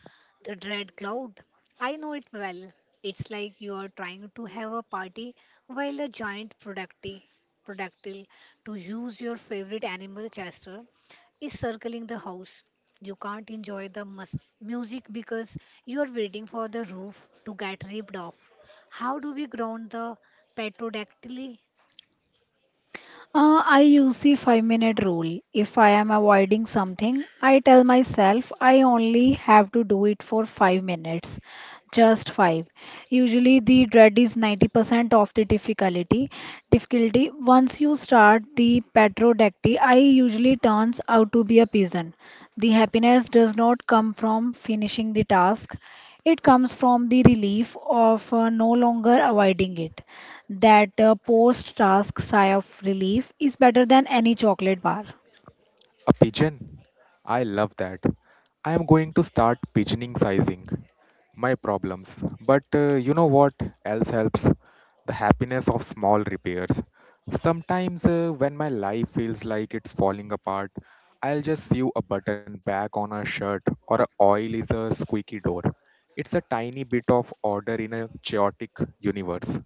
Speaker 1: The dread cloud. I know it well. It's like you are trying to have a party while a giant productile, to use your favorite animal, Chester, is circling the house. You can't enjoy the music because you are waiting for the roof to get ripped off. How do we ground the petrodactyly?
Speaker 2: I use the 5 minute rule. If I am avoiding something, I tell myself I only have to do it for 5 minutes. Just five. Usually the dread is 90% of the difficulty. Once you start the petrodactyl, I usually turns out to be a pigeon. The happiness does not come from finishing the task. It comes from the relief of no longer avoiding it that post-task sigh of relief is better than any chocolate bar.
Speaker 3: A pigeon? I love that. I am going to start pigeoning sizing my problems. But you know what else helps? The happiness of small repairs. Sometimes when my life feels like it's falling apart, I'll just sew a button back on a shirt or a oil is a squeaky door. It's a tiny bit of order in a chaotic universe.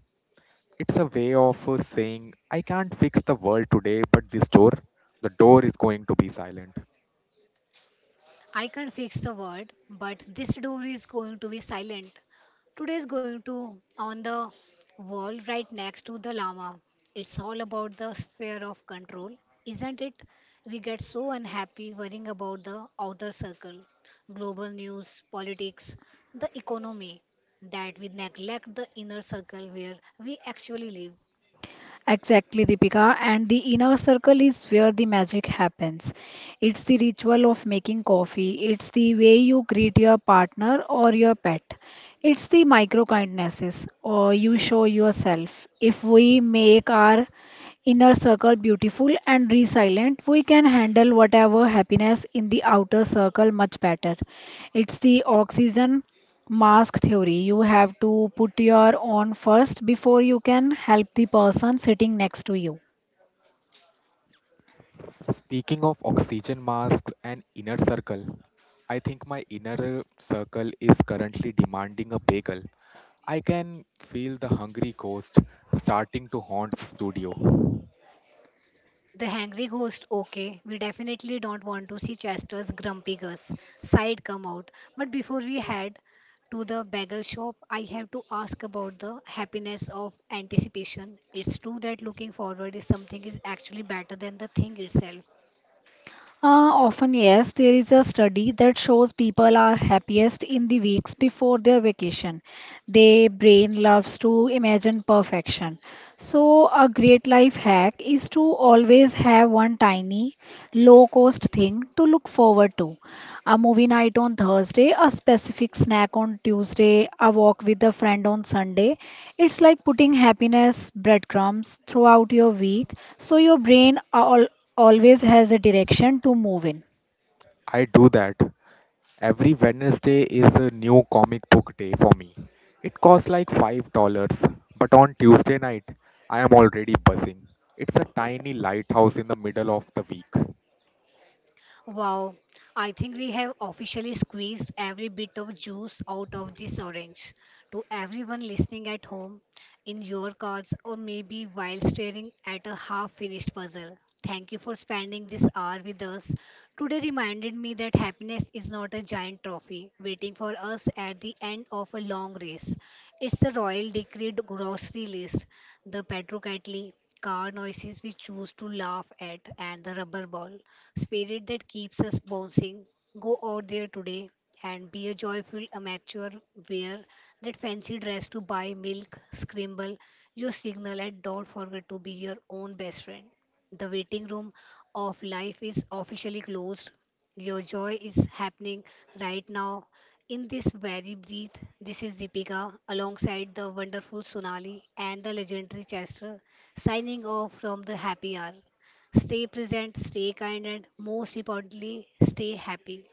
Speaker 3: It's a way of saying I can't fix the world today, but the door is going to be silent.
Speaker 1: I can't fix the world, but this door is going to be silent. Today is going to on the wall right next to the llama. It's all about the sphere of control, isn't it? We get so unhappy worrying about the outer circle, global news, politics, the economy, that we neglect the inner circle where we actually live.
Speaker 2: Exactly, Deepika. And the inner circle is where the magic happens. It's the ritual of making coffee. It's the way you greet your partner or your pet. It's the micro kindnesses or you show yourself. If we make our inner circle beautiful and resilient, we can handle whatever happiness in the outer circle much better. It's the oxygen mask theory. You have to put your own first before you can help the person sitting next to you.
Speaker 3: Speaking of oxygen masks and inner circle, I think my inner circle is currently demanding a bagel. I can feel the hungry ghost starting to haunt the studio.
Speaker 1: The hangry ghost, okay. We definitely don't want to see Chester's grumpy Gus side come out. But before we head to the bagel shop, I have to ask about the happiness of anticipation. It's true that looking forward is something is actually better than the thing itself.
Speaker 2: Often, yes, there is a study that shows people are happiest in the weeks before their vacation. Their brain loves to imagine perfection. So, a great life hack is to always have one tiny, low cost thing to look forward to. A movie night on Thursday, a specific snack on Tuesday, a walk with a friend on Sunday, it's like putting happiness breadcrumbs throughout your week so your brain al always has a direction to move in.
Speaker 3: I do that. Every Wednesday is a new comic book day for me. It costs like $5, but on Tuesday night, I am already buzzing. It's a tiny lighthouse in the middle of the week.
Speaker 1: Wow, I think we have officially squeezed every bit of juice out of this orange. To everyone listening at home, in your cars, or maybe while staring at a half finished puzzle, thank you for spending this hour with us. Today reminded me that happiness is not a giant trophy waiting for us at the end of a long race. It's the royal decreed grocery list, the petrocatli, car noises we choose to laugh at, and the rubber ball spirit that keeps us bouncing. Go out there today and be a joyful amateur. Wear that fancy dress to buy milk, scramble your signal, and don't forget to be your own best friend. The waiting room of life is officially closed. Your joy is happening right now. In this very breath, this is Deepika alongside the wonderful Sonali and the legendary Chester signing off from the happy hour. Stay present, stay kind, and most importantly, stay happy.